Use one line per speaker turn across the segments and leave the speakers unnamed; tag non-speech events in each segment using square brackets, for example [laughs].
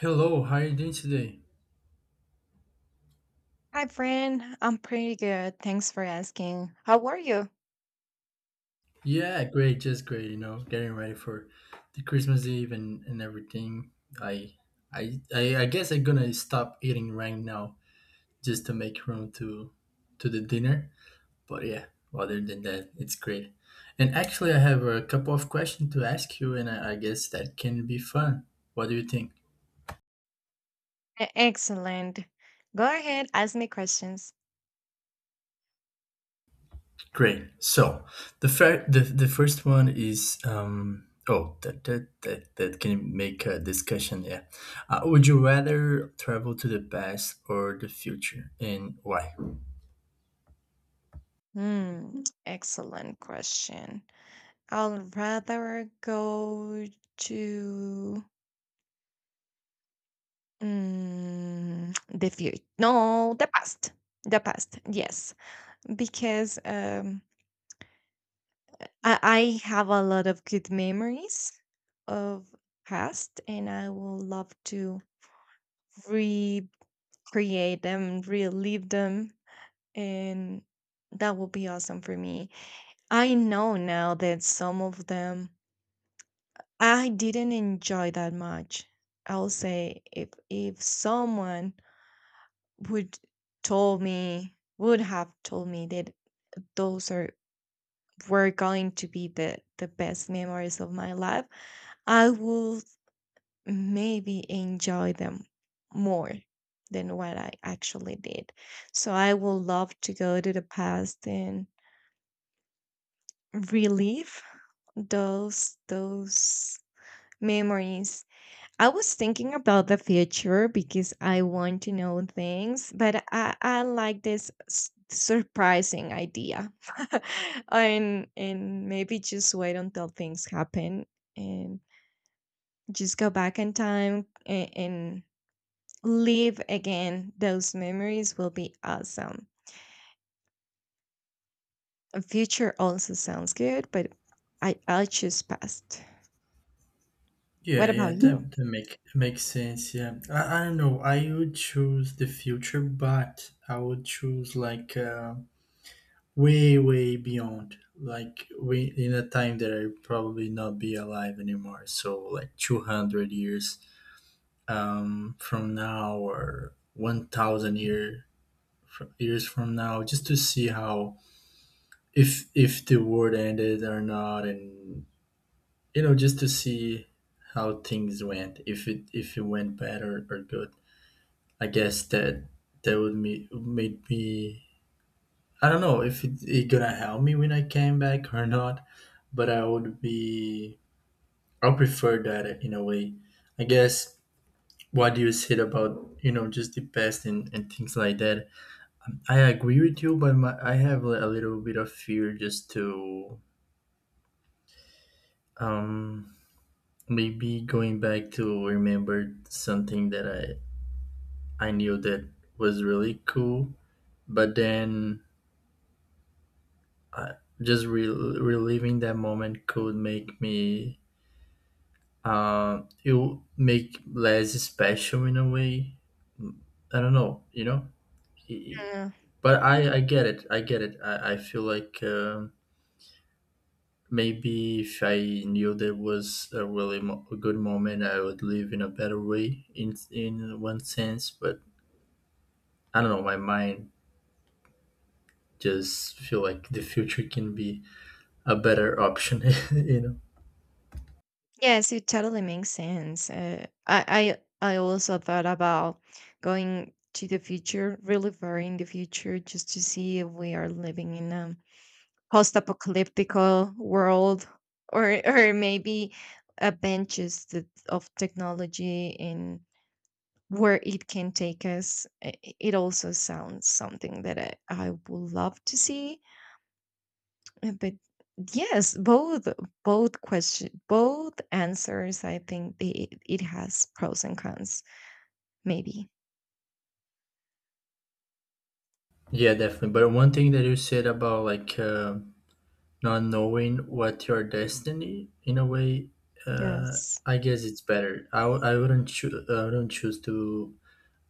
Hello, how are you doing today?
Hi, friend. I'm pretty good. Thanks for asking. How are you?
Yeah, great, just great, you know, getting ready for the Christmas Eve and everything. I, I guess I'm gonna stop eating right now just to make room to the dinner. But yeah, other than that, it's great. And actually I have a couple of questions to ask you and I guess that can be fun. What do you think?
Excellent. Go ahead, ask me questions.
Great. So the first one is oh that can make a discussion. Yeah. Would you rather travel to the past or the future, and why?
Excellent question. I will rather go to the future. No, the past. The past, yes. Because I have a lot of good memories of past, and I will love to recreate them, relive them, and that will be awesome for me. I know now that some of them I didn't enjoy that much. I'll say if someone would would have told me that those are were going to be the best memories of my life, I would maybe enjoy them more than what I actually did. So I would love to go to the past and relive those memories. I was thinking about the future because I want to know things, but I like this surprising idea, [laughs] and maybe just wait until things happen and just go back in time and live again. Those memories will be awesome. A future also sounds good, but I choose past. What
Yeah, yeah,
about
that makes sense. Yeah, I don't know. I would choose the future, but I would choose like way beyond, like we in a time that I probably not be alive anymore. So like 200 years from now or 1000 year, years from now, just to see how if the world ended or not, and you know, just to see how things went, if it went bad or good. I guess that that would me made me, I don't know if it gonna help me when I came back or not, but I would be, I prefer that in a way, I guess. What do you said about you know just the past and things like that, I agree with you, but my, I have a little bit of fear just to um, maybe going back to remember something that I knew that was really cool, but then uh, just reliving that moment could make me, it would make less special in a way. I don't know, you know. I- I-
you?
But I get it, I get it. I feel like. Maybe if I knew there was a really a good moment, I would live in a better way. In one sense, but I don't know. My mind just feel like the future can be a better option. [laughs] You know.
Yes, it totally makes sense. I also thought about going to the future, really far in the future, just to see if we are living in a post-apocalyptic world, or maybe adventures that, of technology and where it can take us. It also sounds something that I would love to see. But yes, both question both answers. I think it has pros and cons. Maybe
Yeah, definitely. But one thing that you said about like not knowing what your destiny in a way, uh,
yes,
I guess it's better. I wouldn't choose. I wouldn't choose to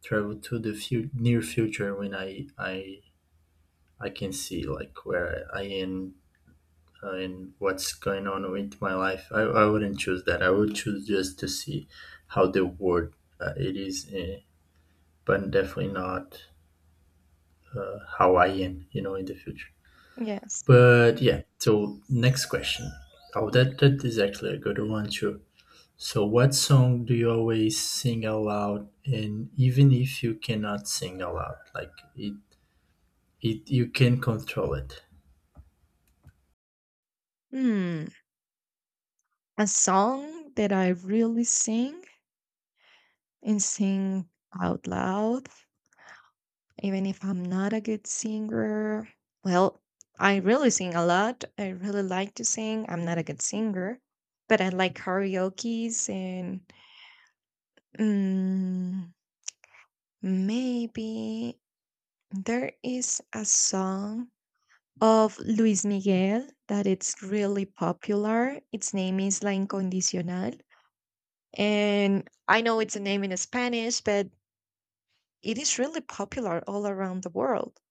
travel to the few near future when I can see like where I am, and what's going on with my life. I wouldn't choose that. I would choose just to see how the world it is, but definitely not how I am, you know, in the future.
yes.
But yeah, so next question. Oh, that that is actually a good one too. So, what song do you always sing aloud, and even if you cannot sing aloud, like it you can control it?
Hmm. A song that I really sing and sing out loud, even if I'm not a good singer. Well, I really sing a lot. I really like to sing. I'm not a good singer, but I like karaoke's and mm, maybe there is a song of Luis Miguel that it's really popular. Its name is La Incondicional. And I know it's a name in Spanish, but it is really popular all around the world.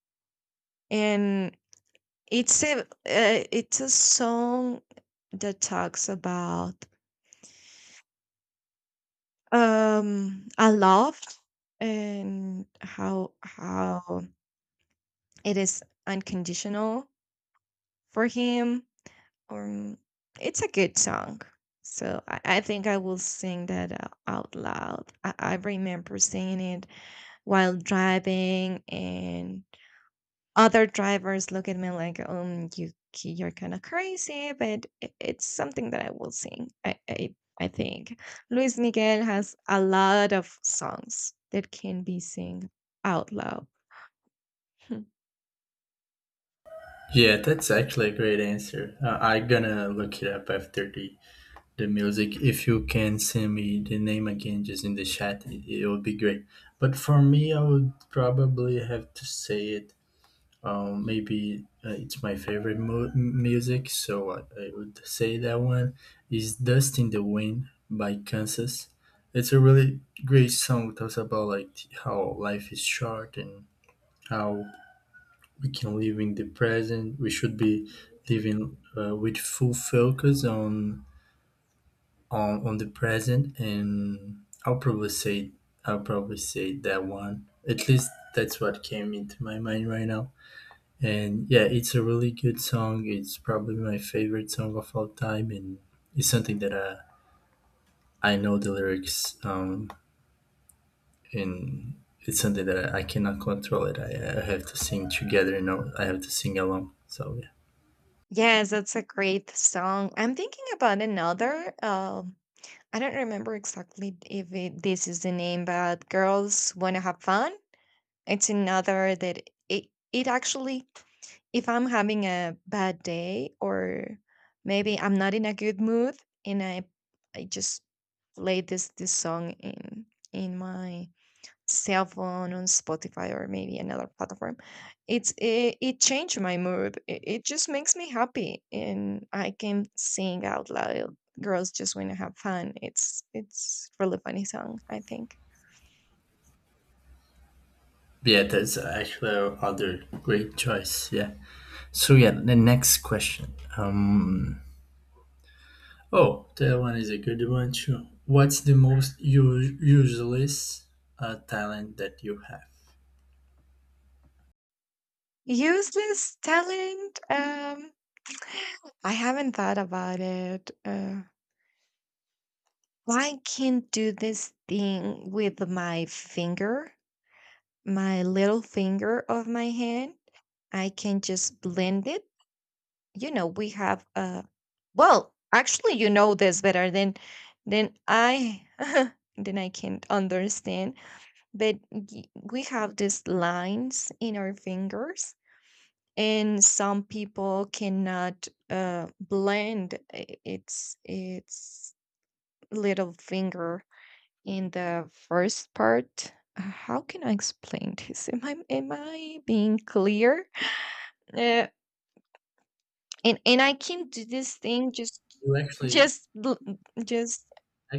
And it's a song that talks about a love and how it is unconditional for him. Um, it's a good song. So I think I will sing that out loud. I remember singing it while driving, and other drivers look at me like, you, you're kind of crazy, but it's something that I will sing. I think Luis Miguel has a lot of songs that can be sung out loud. [laughs]
Yeah, that's actually a great answer. I'm gonna look it up after the music. If you can send me the name again just in the chat, it would be great. But for me, I would probably have to say it. Maybe it's my favorite music, so I would say that one is "Dust in the Wind" by Kansas. It's a really great song. It talks about like how life is short and how we can live in the present. We should be living with full focus on on the present, and I'll probably say that one. At least that's what came into my mind right now. And yeah, it's a really good song. It's probably my favorite song of all time, and it's something that I know the lyrics, and it's something that I cannot control it. I have to sing together. You know, I have to sing along. So yeah.
Yes, that's a great song. I'm thinking about another. I don't remember exactly if it, this is the name, but Girls Wanna Have Fun. It's another that it, it actually, if I'm having a bad day or maybe I'm not in a good mood and I just play this song in my cell phone on Spotify or maybe another platform. It's it changed my mood. It just makes me happy, and I can sing out loud. Girls just want to have fun. It's really funny song. I think
Yeah, that's actually other great choice. Yeah. So yeah, the next question. Oh, that one is a good one too. What's the most useless talent that you have?
useless talent. I haven't thought about it. I can do this thing with my finger, my little finger of my hand. I can just blend it. You know, we have well, actually, you know this better than I [laughs] than I can understand, but we have these lines in our fingers, and some people cannot blend its little finger in the first part. How can I explain this? Am I being clear? [laughs] Uh, and I can do this thing just
You actually,
just l- just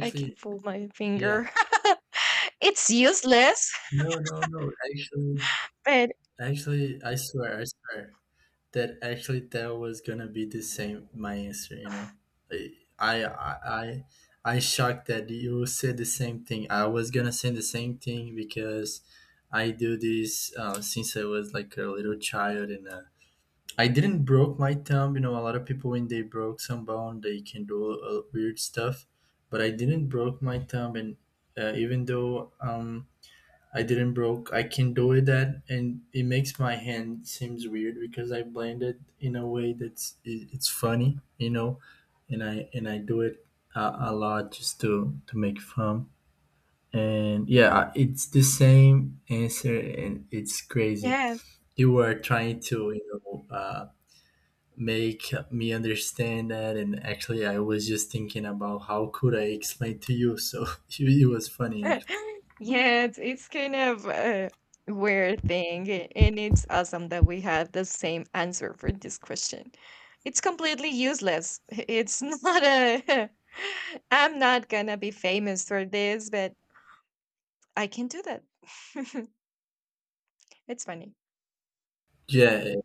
I can fold my
yeah.
finger. [laughs] It's useless,
No, no, no. Actually,
but
actually, I swear, I swear. That actually that was gonna be the same my answer, you know. I i i i shocked that you said the same thing. I was gonna say the same thing because I do this since I was like a little child, and I didn't broke my thumb, you know, a lot of people when they broke some bone they can do weird stuff, but I didn't broke my thumb, and even though I didn't broke. I can do it that, and it makes my hand seems weird because I blend it in a way that's it, it's funny, you know, and I do it a lot just to make fun. And yeah, it's the same answer, and it's crazy.
yes.
You were trying to you know make me understand that, and actually, I was just thinking about how could I explain to you. So [laughs] it was funny actually.
[laughs] Yeah, it's kind of a weird thing, and it's awesome that we have the same answer for this question. It's completely useless. [laughs] It's not a [laughs] I'm not gonna be famous for this, but I can do that. [laughs] It's funny.
Yeah,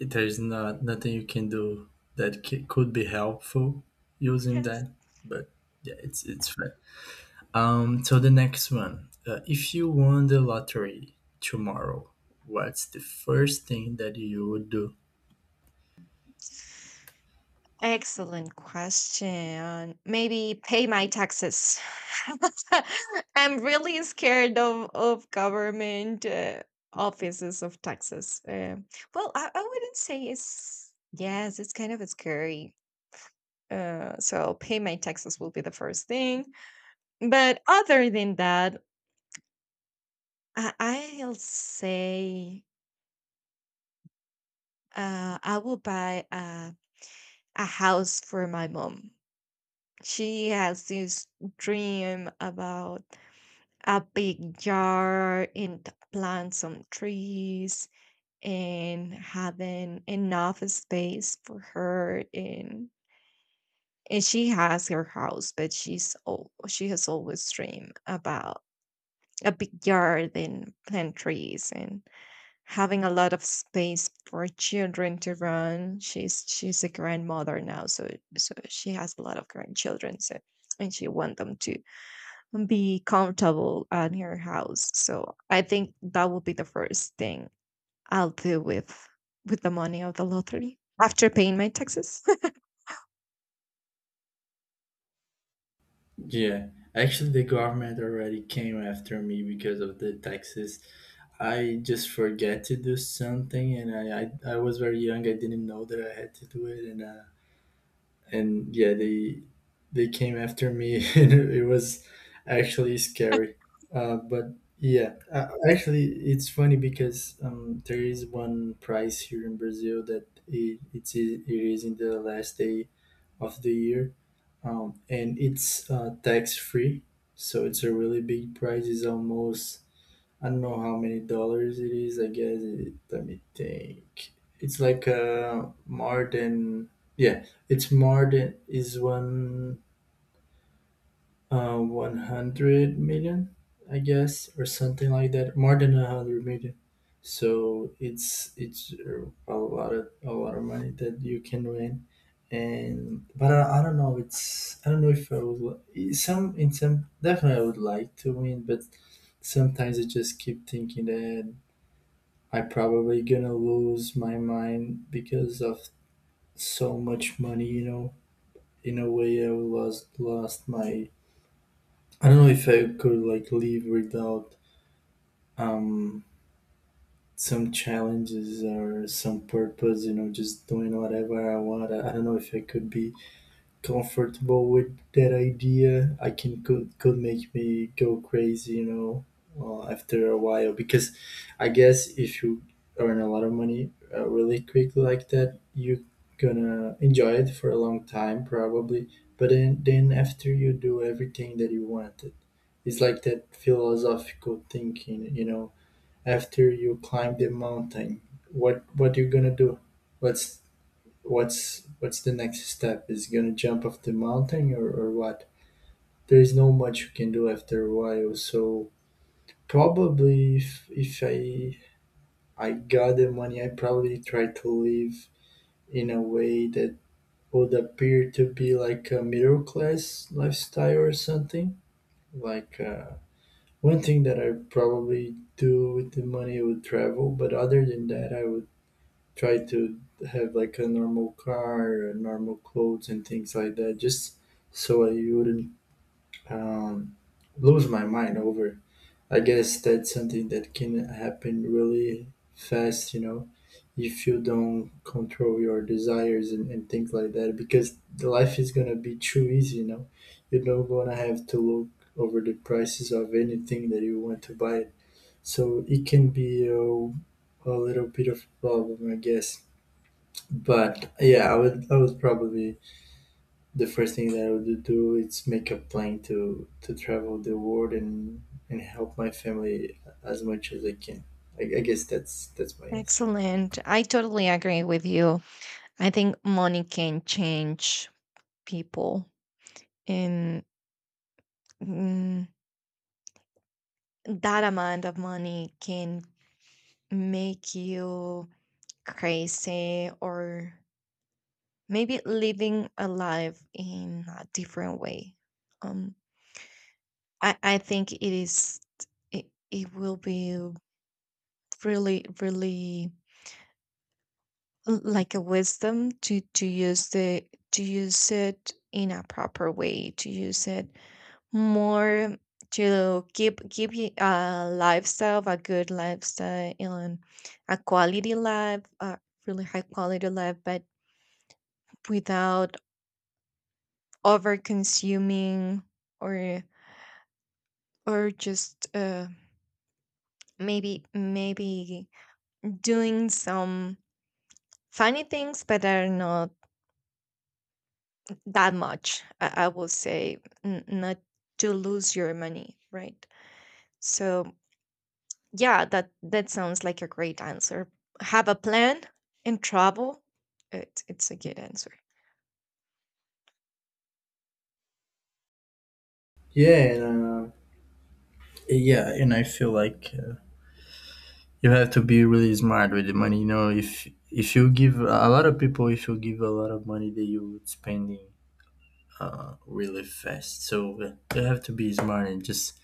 there's not nothing you can do that could be helpful using that, but yeah, it's fine. So the next one, if you won the lottery tomorrow, what's the first thing that you would do?
Yes. Excellent question. Maybe pay my taxes. [laughs] I'm really scared of government offices of taxes. Well, I wouldn't say it's yes, it's kind of scary. So pay my taxes will be the first thing. But other than that, I, I'll say I will buy a house for my mom. She has this dream about a big yard and plant some trees, and having enough space for her. And she has her house, but she has always dreamed about a big yard and plant trees and having a lot of space for children to run. She's a grandmother now, so so she has a lot of grandchildren, so and she want them to be comfortable at her house. So I think that will be the first thing I'll do with the money of the lottery after paying my taxes.
Yeah, actually the government already came after me because of the taxes. I just forget to do something, and I was very young, I didn't know that I had to do it, and yeah, they came after me [laughs] and it was actually scary. But yeah, actually it's funny because there is one prize here in Brazil that it's it is in the last day of the year, and it's tax free. So it's a really big prize, it's almost, I don't know how many dollars it is. I guess it, let me think. It's like more than yeah. It's more than is 100 million, I guess, or something like that. More than a hundred million. So it's a lot of money that you can win. And but I don't know. It's I don't know if I would some in some, definitely I would like to win, but sometimes I just keep thinking that I probably gonna lose my mind because of so much money, you know. In a way, I lost my. I don't know if I could like live without um some challenges or some purpose, you know, just doing whatever I want. I don't know if I could be comfortable with that idea. I can could make me go crazy, you know, after a while. Because I guess if you earn a lot of money really quickly like that, you gonna enjoy it for a long time probably. But then after you do everything that you wanted, it's like that philosophical thinking, you know. After you climb the mountain, what you gonna do? What's what's the next step, is he gonna jump off the mountain, or what? There is no much you can do after a while. So probably if I got the money, I probably try to live in a way that would appear to be like a middle class lifestyle or something like, one thing that I probably do with the money would travel, but other than that I would try to have like a normal car, normal clothes, and things like that, just so I wouldn't um, lose my mind over. I guess that's something that can happen really fast, you know, if you don't control your desires and things like that, because the life is gonna be too easy, you know. You're not gonna have to look over the prices of anything that you want to buy. So it can be a little bit of a problem, I guess. But yeah, I would probably the first thing that I would do is make a plan to travel the world and help my family as much as I can. I guess that's my
[laughs]
answer.
Excellent. I totally agree with you. I think money can change people, and mm, that amount of money can make you crazy or maybe living a life in a different way. Um, I think it is it will be really really like a wisdom to use the to use it in a proper way, to use it more to keep a lifestyle, a good lifestyle, and a quality life, a really high quality life, but without over consuming or or just maybe doing some funny things, but are not that much. I will say not to lose your money, right? So yeah, that that sounds like a great answer. Have a plan and travel. It's a good answer.
Yeah, and yeah, and I feel like you have to be really smart with the money. You know, if you give a lot of people, if you give a lot of money, that you spending really fast. So you have to be smart, and just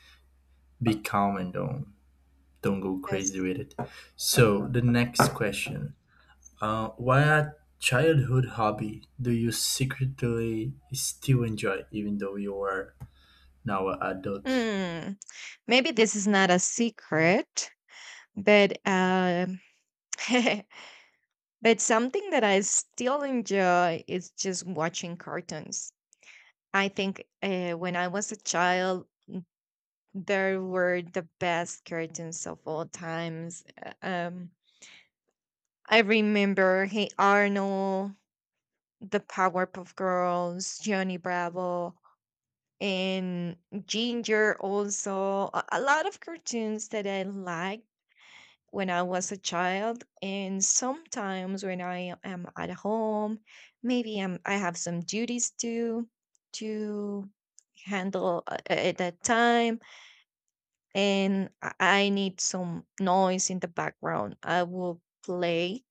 be calm, and don't go crazy
Yes.
with it. So the next question: What childhood hobby do you secretly still enjoy, even though you are now an adult?
Hmm. Maybe this is not a secret, but [laughs] but something that I still enjoy is just watching cartoons. I think when I was a child, there were the best cartoons of all times. I remember Hey Arnold, the Powerpuff Girls, Johnny Bravo, and Ginger also. A lot of cartoons that I liked when I was a child. And sometimes when I am at home, maybe I have some duties to to handle at that time, and I need some noise in the background, I will play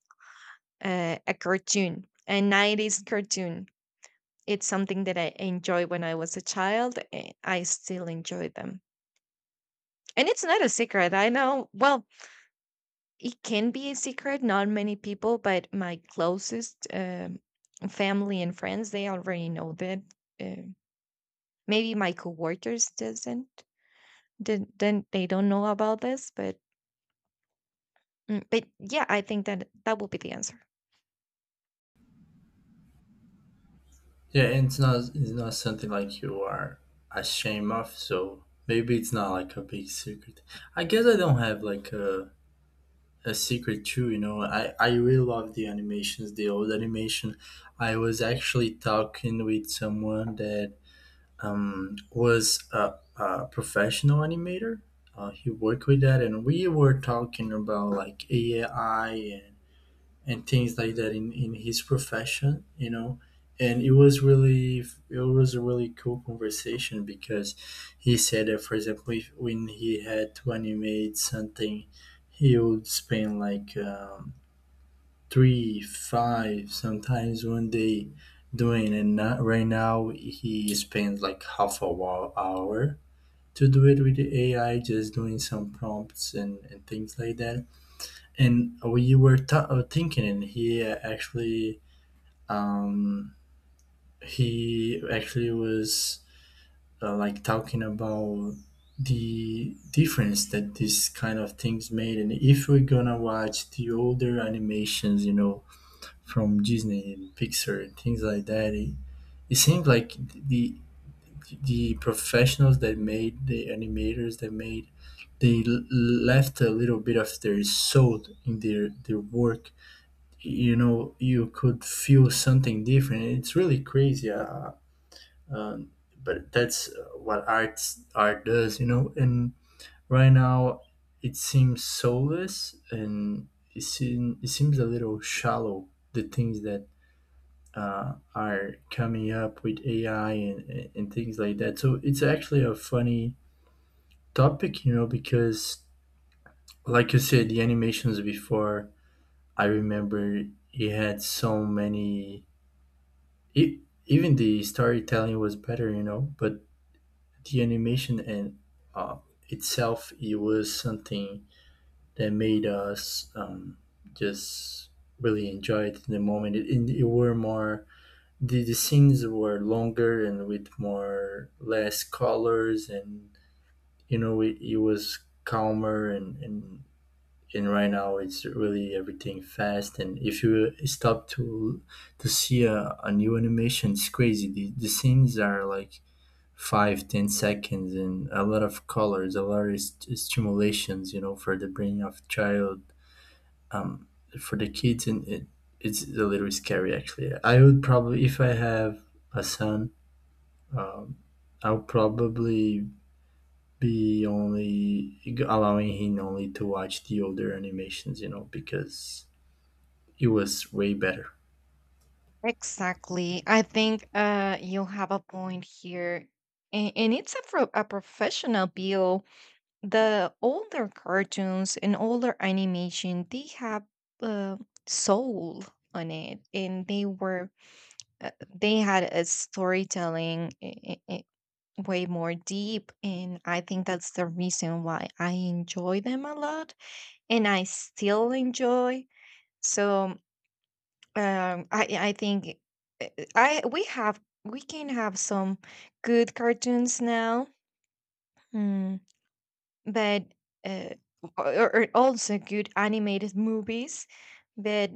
a cartoon, a 90s cartoon. It's something that I enjoy when I was a child, and I still enjoy them. And it's not a secret. I know, well, it can be a secret, not many people, but my closest family and friends, they already know that. Uh, Maybe my coworkers doesn't, then they don't know about this, but but yeah, I think that that will be the answer.
Yeah, and it's not, it's not something like you are ashamed of. So maybe it's not like a big secret. I guess I don't have like a secret too. You know, I really love the animations, the old animation. I was actually talking with someone that was a professional animator. He worked with that, and we were talking about like AI and things like that in his profession, you know. And it was really it was a really cool conversation because he said that, for example, if, when he had to animate something, he would spend like three, five, sometimes one day doing and not right now he spends like half a hour to do it with the AI, just doing some prompts and things like that. And we were thinking, and he actually um, he actually was like talking about the difference that this kind of things made and if we're gonna watch the older animations, you know, from Disney and Pixar and things like that. It seems like the professionals that made the animators that made they left a little bit of their soul in their work. You know, you could feel something different. It's really crazy. Um, but that's what art does, you know. And right now, it seems soulless and it seems a little shallow. The things that are coming up with AI and things like that. So it's actually a funny topic, you know, because like you said, the animations before, I remember it had so many. It, even the storytelling was better, you know, but the animation and uh, itself, it was something that made us just really enjoy it in the moment. It were more the scenes were longer and with more less colors and you know it was calmer and right now it's really everything fast, and if you stop to see a new animation it's crazy, the scenes are like 5 10 seconds and a lot of colors, a lot of stimulations, you know, for the brain of child um for the kids, and it, it's a little scary actually. I would probably, if I have a son, um, I'll probably be only allowing him only to watch the older animations, you know, because it was way better.
Exactly. I think you have a point here. And it's a professional bill. The older cartoons and older animation, they have uh, soul on it. And they had a storytelling way more deep, and I think that's the reason why I enjoy them a lot and I still enjoy. So I think uh, I we have we can have some good cartoons now, mm, but uh, or also good animated movies, but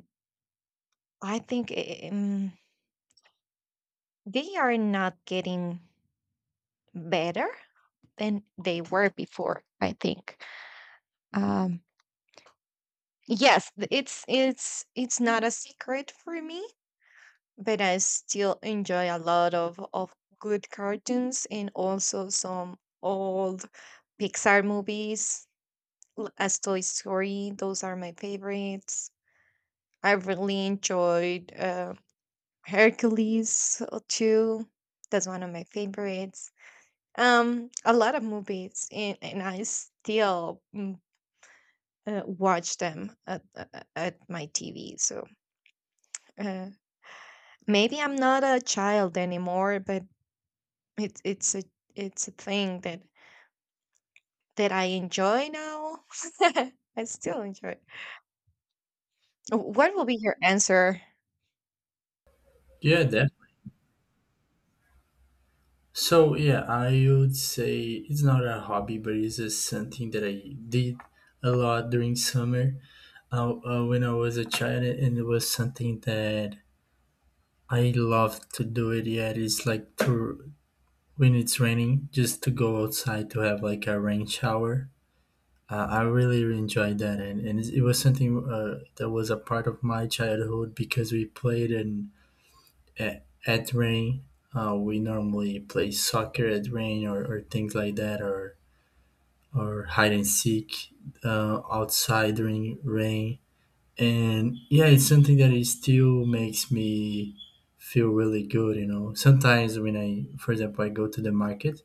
I think they are not getting better than they were before, I think. um Yes, it's not a secret for me, but I still enjoy a lot of good cartoons and also some old Pixar movies as Toy Story. Those are my favorites. I really enjoyed Hercules too. That's one of my favorites. A lot of movies, and I still watch them at my TV. So. Uh, Maybe I'm not a child anymore, but it's it's a it's a thing that I enjoy now. [laughs] I still enjoy it. What will be your answer?
Yeah, that. So yeah, I would say it's not a hobby, but it's just something that I did a lot during summer when I was a child, and it was something that I love to do. It yet it's like to when it's raining, just to go outside to have like a rain shower. I really, really enjoyed that, and it was something that was a part of my childhood because we played in at rain. We normally play soccer at rain or things like that, or hide and seek outside during rain. And yeah, it's something that it still makes me feel really good. You know, sometimes when I, for example, I go to the market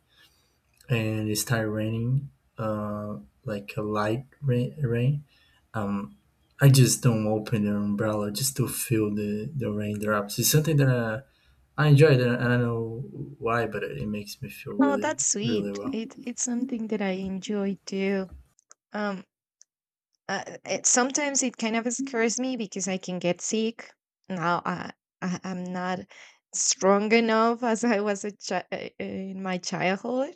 and it start raining, uh, like a light rain, rain, um, I just don't open the umbrella just to feel the raindrops. It's something that I enjoy. That I don't know why, but it makes me feel
Oh,
really,
that's
really
sweet.
well.
It's something that I enjoy too. Um, Sometimes it kind of scares me because I can get sick. Now I'm not strong enough [laughs] as I was a in my childhood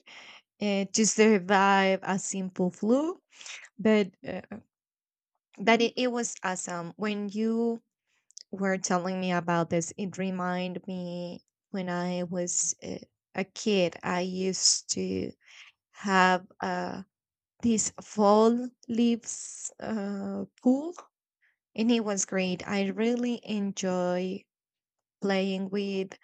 to survive a simple flu, but that it was awesome. When you were telling me about this, it reminded me when I was a kid. I used to have this fall leaves pool, and it was great. I really enjoy playing with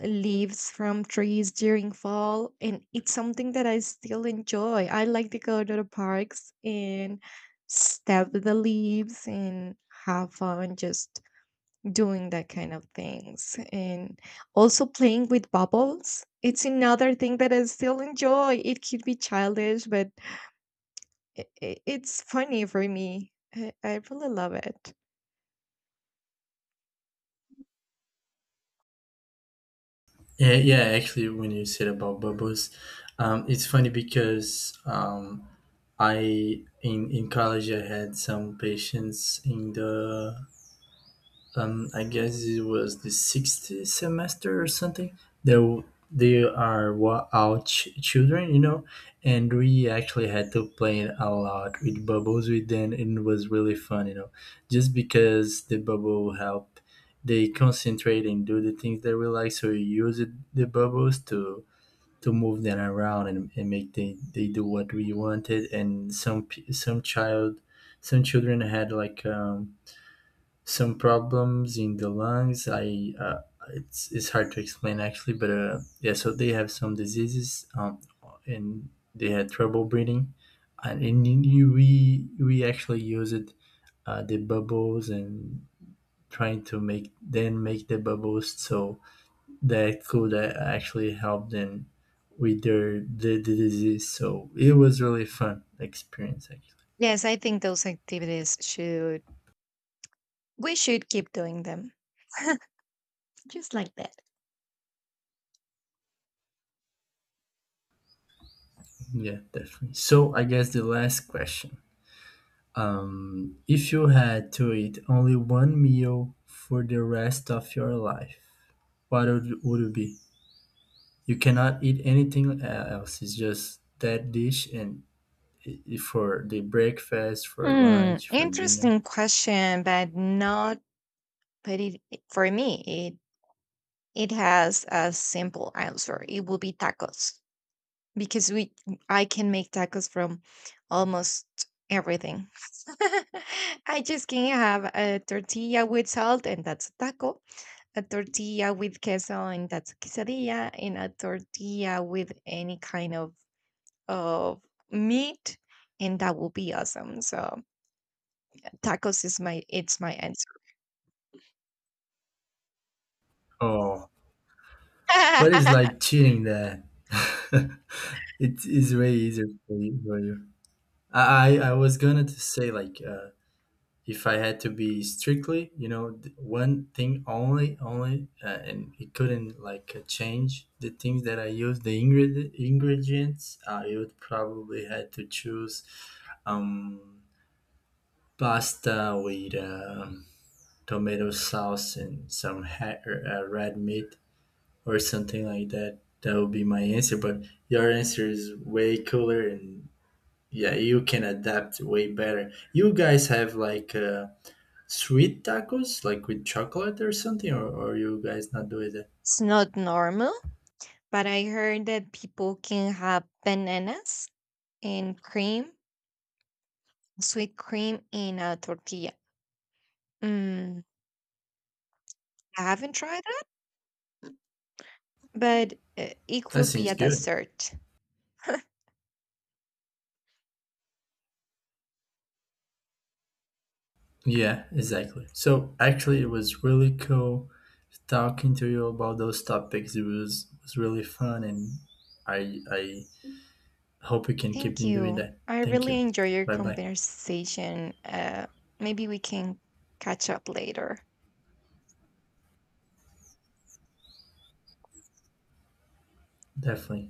leaves from trees during fall, and it's something that I still enjoy. I like to go to the parks and step the leaves and have fun just doing that kind of things, and also playing with bubbles. It's another thing that I still enjoy. It could be childish, but it's funny for me. I really love it.
Yeah, yeah. Actually, when you said about bubbles, it's funny because I in college I had some patients in the I guess it was the 6th semester or something. There, they are children, you know, and we actually had to play it a lot with bubbles with them, and it was really fun, you know, just because the bubble helped. They concentrate and do the things that we like, so we use it, the bubbles to move them around and make they do what we wanted. And some some child, some children had like some problems in the lungs. I It's hard to explain actually, but yeah. So they have some diseases, and they had trouble breathing. And in we actually use it, the bubbles and trying to make then make the bubbles so that could actually help them with their the disease. So it was really fun experience actually.
Yes, I think those activities should we should keep doing them, just like that.
Yeah, definitely. So I guess the last question. If you had to eat only one meal for the rest of your life, what would it be? You cannot eat anything else. It's just that dish and for the breakfast, for lunch, for dinner.
Interesting question, but not but it for me it it has a simple answer. It will be tacos because we I can make tacos from almost everything. [laughs] I just can have a tortilla with salt, and that's a taco, a tortilla with queso and that's a quesadilla, and a tortilla with any kind of of meat, and that will be awesome. So tacos is my it's my answer.
Oh, but it's
[laughs]
like cheating that. [laughs] It is way easier for you. For you. I was gonna to say like if I had to be strictly, you know, one thing only, only, and it couldn't like change the things that I use, the ingredients, I would probably had to choose um, pasta with tomato sauce and some red meat or something like that. That would be my answer. But your answer is way cooler and yeah, you can adapt way better. You guys have like. Sweet tacos, like with chocolate or something, or you guys not doing that?
It's not normal, but I heard that people can have bananas and cream, sweet cream in a tortilla. Mm, I haven't tried that, but it
That
could be
seems
a
good.
dessert.
Yeah, exactly. So actually, it was really cool talking to you about those topics. It was really fun, and I hope you can keep
Thank
in doing
you.
that.
I
Thank
really
you.
enjoy your
Bye bye.
conversation. Maybe we can catch up later.
Definitely.